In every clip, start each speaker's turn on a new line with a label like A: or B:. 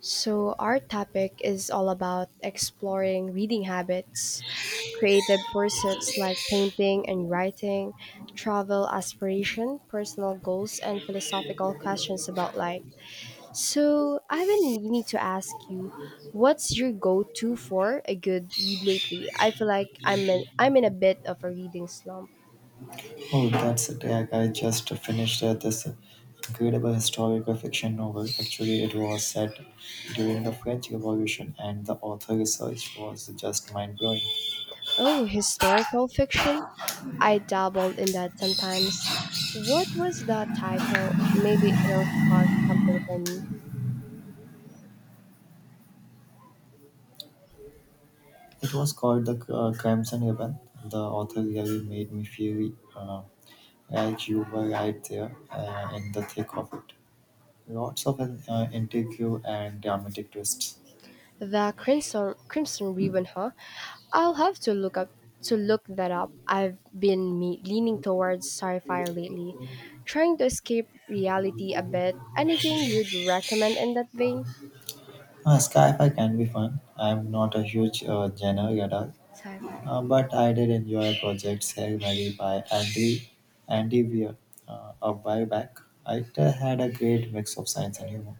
A: So, our topic is all about exploring reading habits, creative pursuits like painting and writing, travel aspiration, personal goals, and philosophical questions about life. So, I've been meaning to ask you, what's your go-to for a good read lately? I feel like I'm in a bit of a reading slump.
B: Oh, that's a tag. I just finished this incredible historical fiction novel. Actually, it was set during the French Revolution, and the author research was just mind blowing.
A: Oh, historical fiction? I dabbled in that sometimes. What was that title? Maybe it'll spark something for me.
B: It was called The Crimson Ribbon. The author really made me feel like you were right there in the thick of it. Lots of intrigue and dramatic twists.
A: The Crimson Ribbon, huh? I'll have to look that up. I've been leaning towards sci-fi lately, trying to escape reality a bit. Anything you'd recommend in that vein?
B: Sci-fi can be fun. I'm not a huge genre reader.
A: Sci-fi.
B: But I did enjoy projects, Hail Mary by Andy Weir a while back. It had a great mix of science and humor.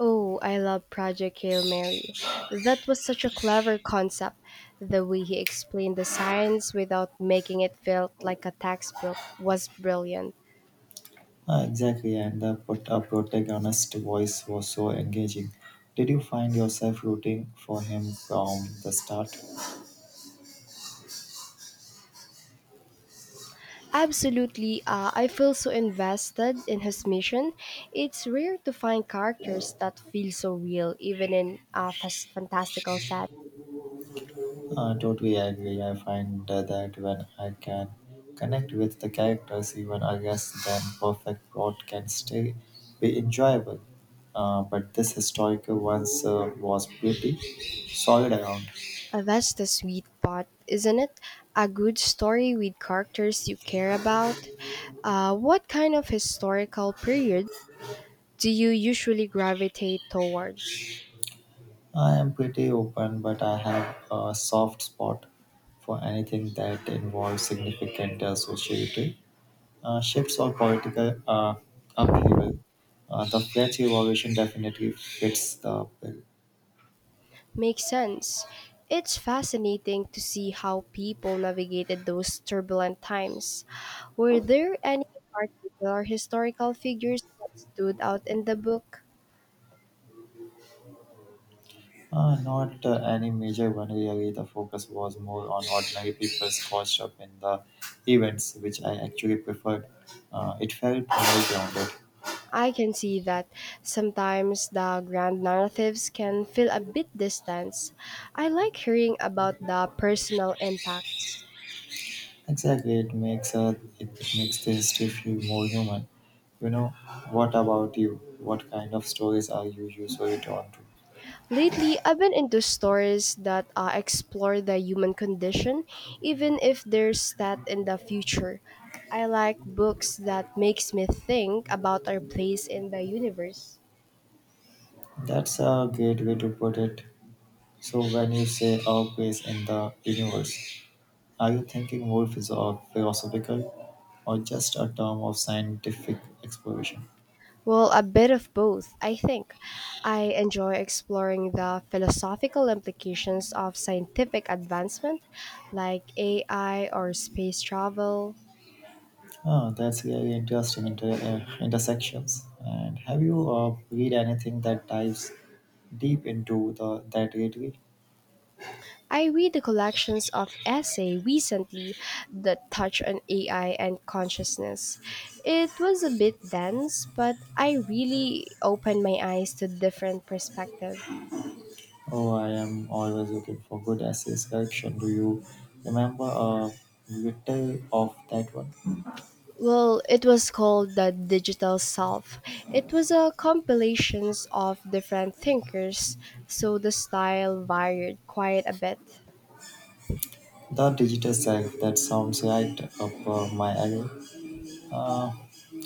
A: Oh, I love Project Hail Mary. That was such a clever concept. The way he explained the science without making it feel like a textbook was brilliant.
B: Exactly, and the put a protagonist voice was so engaging. Did you find yourself rooting for him from the start?
A: Absolutely, I feel so invested in his mission. It's rare to find characters that feel so real, even in a fantastical set.
B: Totally agree. I find that when I can connect with the characters, even I guess then perfect plot can still be enjoyable. But this historical once was pretty solid around.
A: That's the sweet part, isn't it? A good story with characters you care about. What kind of historical period do you usually gravitate towards?
B: I am pretty open, but I have a soft spot for anything that involves significant associated shifts or political upheaval. The French Revolution definitely fits the bill.
A: Makes sense. It's fascinating to see how people navigated those turbulent times. Were there any particular historical figures that stood out in the book?
B: Not any major one really. The focus was more on ordinary people caught up in the events, which I actually preferred. It felt more grounded.
A: I can see that sometimes the grand narratives can feel a bit distant. I like hearing about the personal impacts.
B: Exactly, it makes the history feel more human. You know, what about you? What kind of stories are you usually drawn to?
A: Lately, I've been into stories that explore the human condition, even if there's that in the future. I like books that makes me think about our place in the universe.
B: That's a great way to put it. So when you say our place in the universe, are you thinking more philosophical or just a term of scientific exploration?
A: Well, a bit of both, I think. I enjoy exploring the philosophical implications of scientific advancement, like AI or space travel.
B: Oh, that's really interesting intersections. And have you read anything that dives deep into the that lately?
A: I read the collections of essay recently that touch on AI and consciousness. It was a bit dense, but I really opened my eyes to different perspective.
B: Oh, I am always looking for good essays collection. Do you remember a little of that one?
A: Well, it was called The Digital Self. It was a compilations of different thinkers, so the style varied quite a bit.
B: The digital self, that sounds right up my alley. Uh,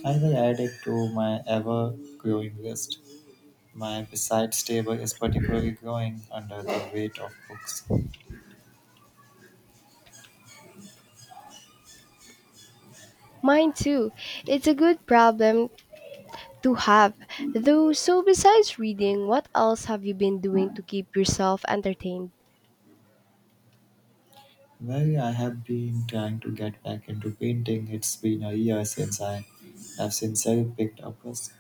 B: I will add it to my ever growing list. My besides table is particularly growing under the weight of books.
A: Mine too. It's a good problem to have. Though, so besides reading, what else have you been doing to keep yourself entertained?
B: Well, I have been trying to get back into painting. It's been a year since I have sincerely picked up this.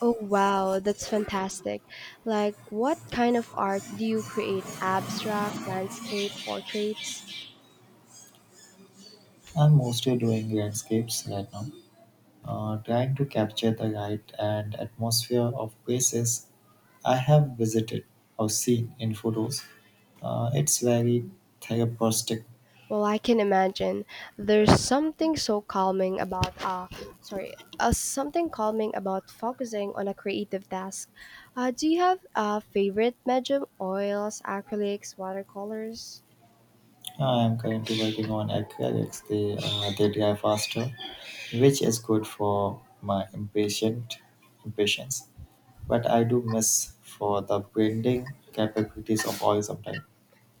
A: Oh, wow, that's fantastic. Like, what kind of art do you create? Abstract, landscape, portraits?
B: I'm mostly doing landscapes right now. Trying to capture the light and atmosphere of places I have visited or seen in photos. It's very therapeutic.
A: Well, I can imagine. There's something so calming something calming about focusing on a creative task. Do you have a favorite medium? Oils, acrylics, watercolors?
B: I am currently working on acrylics. They dry faster, which is good for my impatient impatience. But I do miss for the blending capabilities of oil sometimes.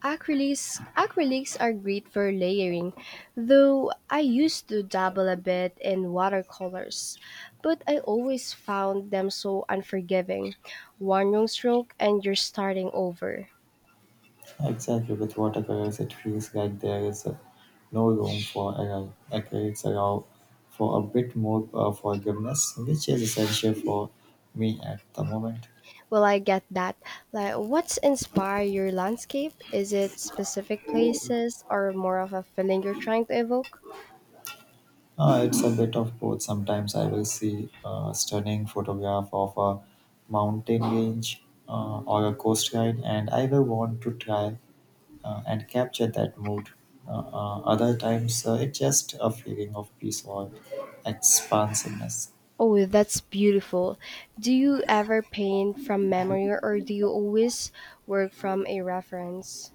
A: Acrylics are great for layering, though I used to dabble a bit in watercolors, but I always found them so unforgiving. One wrong stroke and you're starting over.
B: Exactly, with watercolors, it feels like there is a no room for error. Accolades allow for a bit more forgiveness, which is essential for me at the moment.
A: Well, I get that. Like, what's inspired your landscape? Is it specific places or more of a feeling you're trying to evoke?
B: It's a bit of both. Sometimes I will see a stunning photograph of a mountain range or a coastline, and I will want to try and capture that mood. Other times, it's just a feeling of peace or expansiveness.
A: Oh, that's beautiful. Do you ever paint from memory or do you always work from a reference?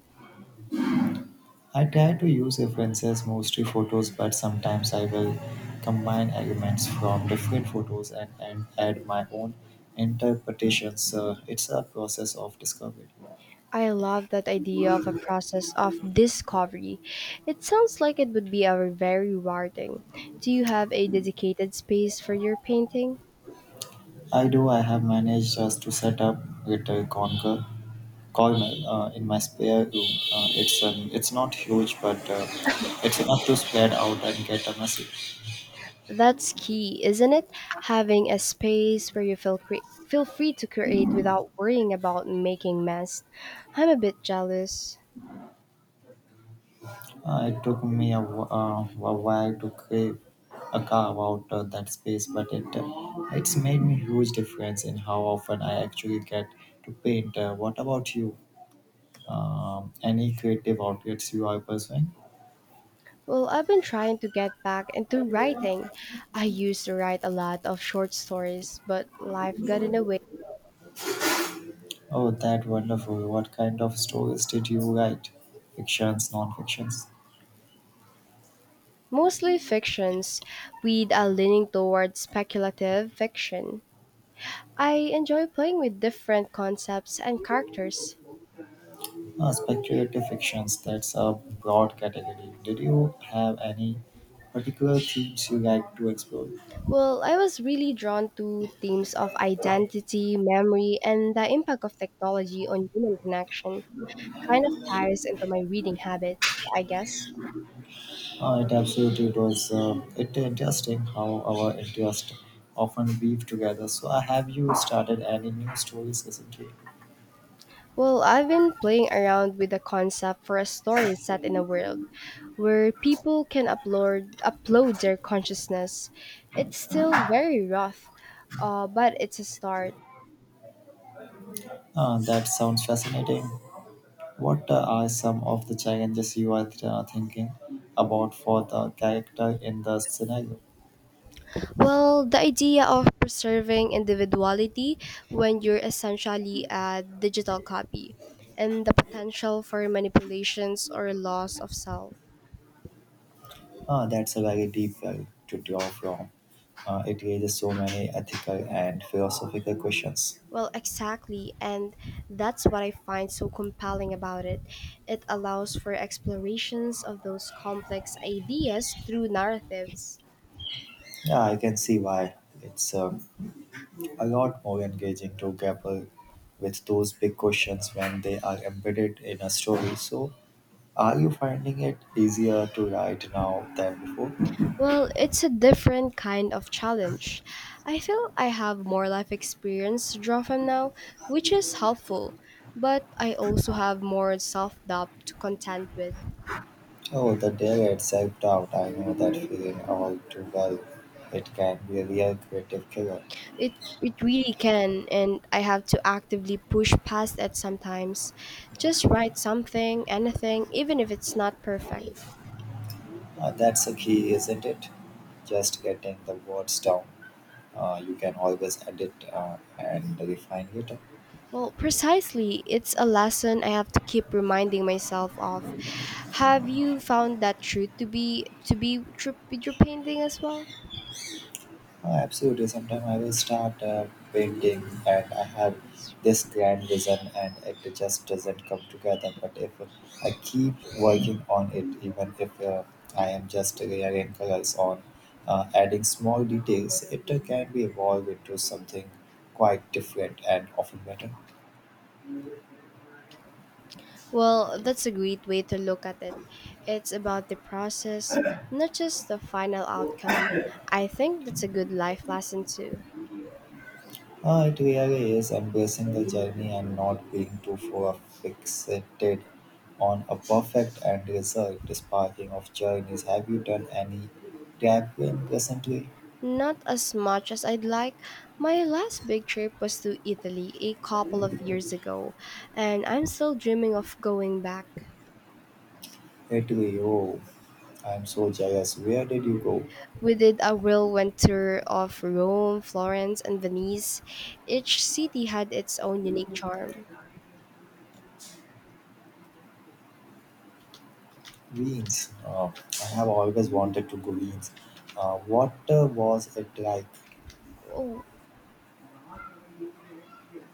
B: I try to use references mostly photos, but sometimes I will combine elements from different photos and add my own interpretations. It's a process of discovery.
A: I love that idea of a process of discovery. It sounds like it would be a very rewarding. Do you have a dedicated space for your painting?
B: I do, I have managed just to set up Little Conquer corner in my spare room. It's not huge, but it's enough to spread out and get a message.
A: That's key, isn't it? Having a space where you feel feel free to create without worrying about making mess. I'm a bit jealous.
B: It took me a while to crave a carve out that space, but it's made me huge difference in how often I actually get to paint. What about you? Any creative outlets you are pursuing?
A: Well, I've been trying to get back into writing. I used to write a lot of short stories, but life got in the way.
B: Oh, that wonderful! What kind of stories did you write? Fictions, non-fictions,
A: Mostly fictions, with a leaning toward speculative fiction. I enjoy playing with different concepts and characters.
B: speculative fictions. That's a broad category. Did you have any particular themes you like to explore?
A: Well, I was really drawn to themes of identity, memory, and the impact of technology on human connection. Kind of ties into my reading habits, I guess.
B: It absolutely was. It interesting how our interests often weave together. So, have you started any new stories recently?
A: Well, I've been playing around with the concept for a story set in a world where people can upload their consciousness. It's still very rough, but it's a start.
B: That sounds fascinating. What are some of the challenges you are thinking about for the character in the scenario?
A: Well, the idea of preserving individuality when you're essentially a digital copy, and the potential for manipulations or loss of self.
B: That's a very deep well to draw from. It raises so many ethical and philosophical questions.
A: Well, exactly, and that's what I find so compelling about it. It allows for explorations of those complex ideas through narratives.
B: Yeah, I can see why it's a lot more engaging to grapple with those big questions when they are embedded in a story. So, are you finding it easier to write now than before?
A: Well, it's a different kind of challenge. I feel I have more life experience to draw from now, which is helpful, but I also have more self doubt to contend with.
B: Oh, the dare at self doubt. I know that feeling all too well. It can be a real creative killer.
A: It really can and I have to actively push past it sometimes. Just write something, anything, even if it's not perfect.
B: That's the key, isn't it? Just getting the words down. You can always edit and refine later.
A: Well, precisely, it's a lesson I have to keep reminding myself of. Have you found that true to be true with your painting as well?
B: Oh, absolutely. Sometime I will start painting and I have
A: Yes.
B: this grand vision and it just doesn't come together. But if I keep working on it, even if I am just rearranging colors on adding small details, it can be evolved into something quite different and often better.
A: Well, that's a great way to look at it. It's about the process, not just the final outcome. I think that's a good life lesson too.
B: It really is embracing the journey and not being too far fixated on a perfect end result. Sparking of journeys, have you done any traveling recently?
A: Not as much as I'd like. My last big trip was to Italy a couple of years ago, and I'm still dreaming of going back.
B: Italy, oh, I'm so jealous. Where did you go?
A: We did a whirlwind tour of Rome, Florence, and Venice. Each city had its own unique charm.
B: Wings. I have always wanted to go Wings. What was it like?
A: Oh,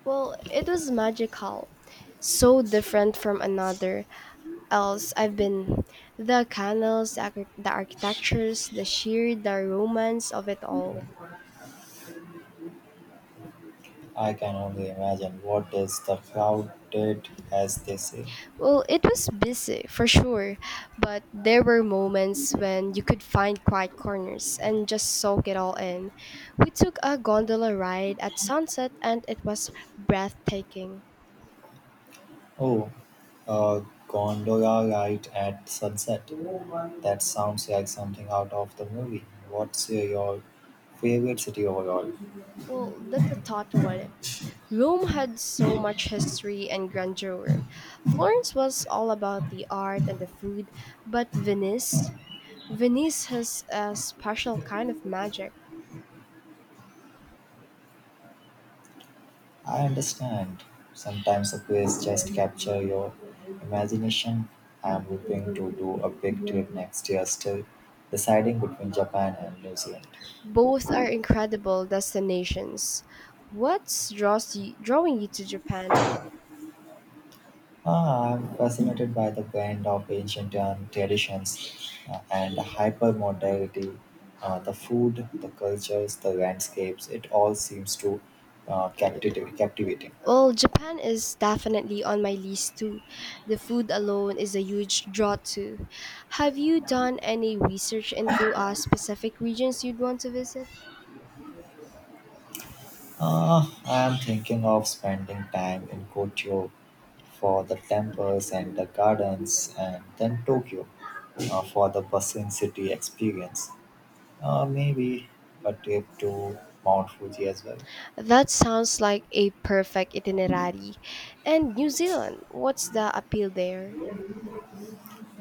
A: well, it was magical. So different from another else I've been. The canals, the architectures, the sheer, the romance of it all.
B: I can only imagine. What is the crowded, as they say?
A: Well, it was busy for sure, but there were moments when you could find quiet corners and just soak it all in. We took a gondola ride at sunset and it was breathtaking.
B: Oh, a gondola ride at sunset. That sounds like something out of the movie. What's your favorite city overall?
A: Well, that's a thought one. Rome had so much history and grandeur. Florence was all about the art and the food, but Venice has a special kind of magic.
B: I understand. Sometimes a place just capture your imagination. I'm hoping to do a big trip next year still, deciding between Japan and New Zealand.
A: Both are incredible destinations. Drawing you to Japan?
B: Ah, I'm fascinated by the blend of ancient traditions and hypermodernity. The food, the cultures, the landscapes, it all seems to captivating.
A: Well, Japan is definitely on my list too. The food alone is a huge draw too. Have you done any research into specific regions you'd want to visit?
B: I'm thinking of spending time in Kyoto for the temples and the gardens, and then Tokyo for the bustling city experience. Maybe a trip to Mount Fuji as well.
A: That sounds like a perfect itinerary. And New Zealand, what's the appeal there?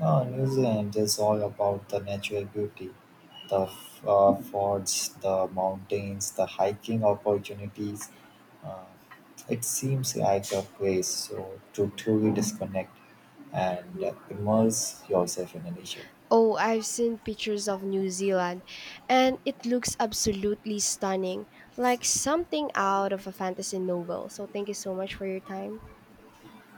B: Ah, New Zealand is all about the natural beauty, the forts, the mountains, the hiking opportunities. Uh, it seems like a place so to truly disconnect and immerse yourself in the nature.
A: Oh, I've seen pictures of New Zealand, and it looks absolutely stunning, like something out of a fantasy novel. So, thank you so much for your time.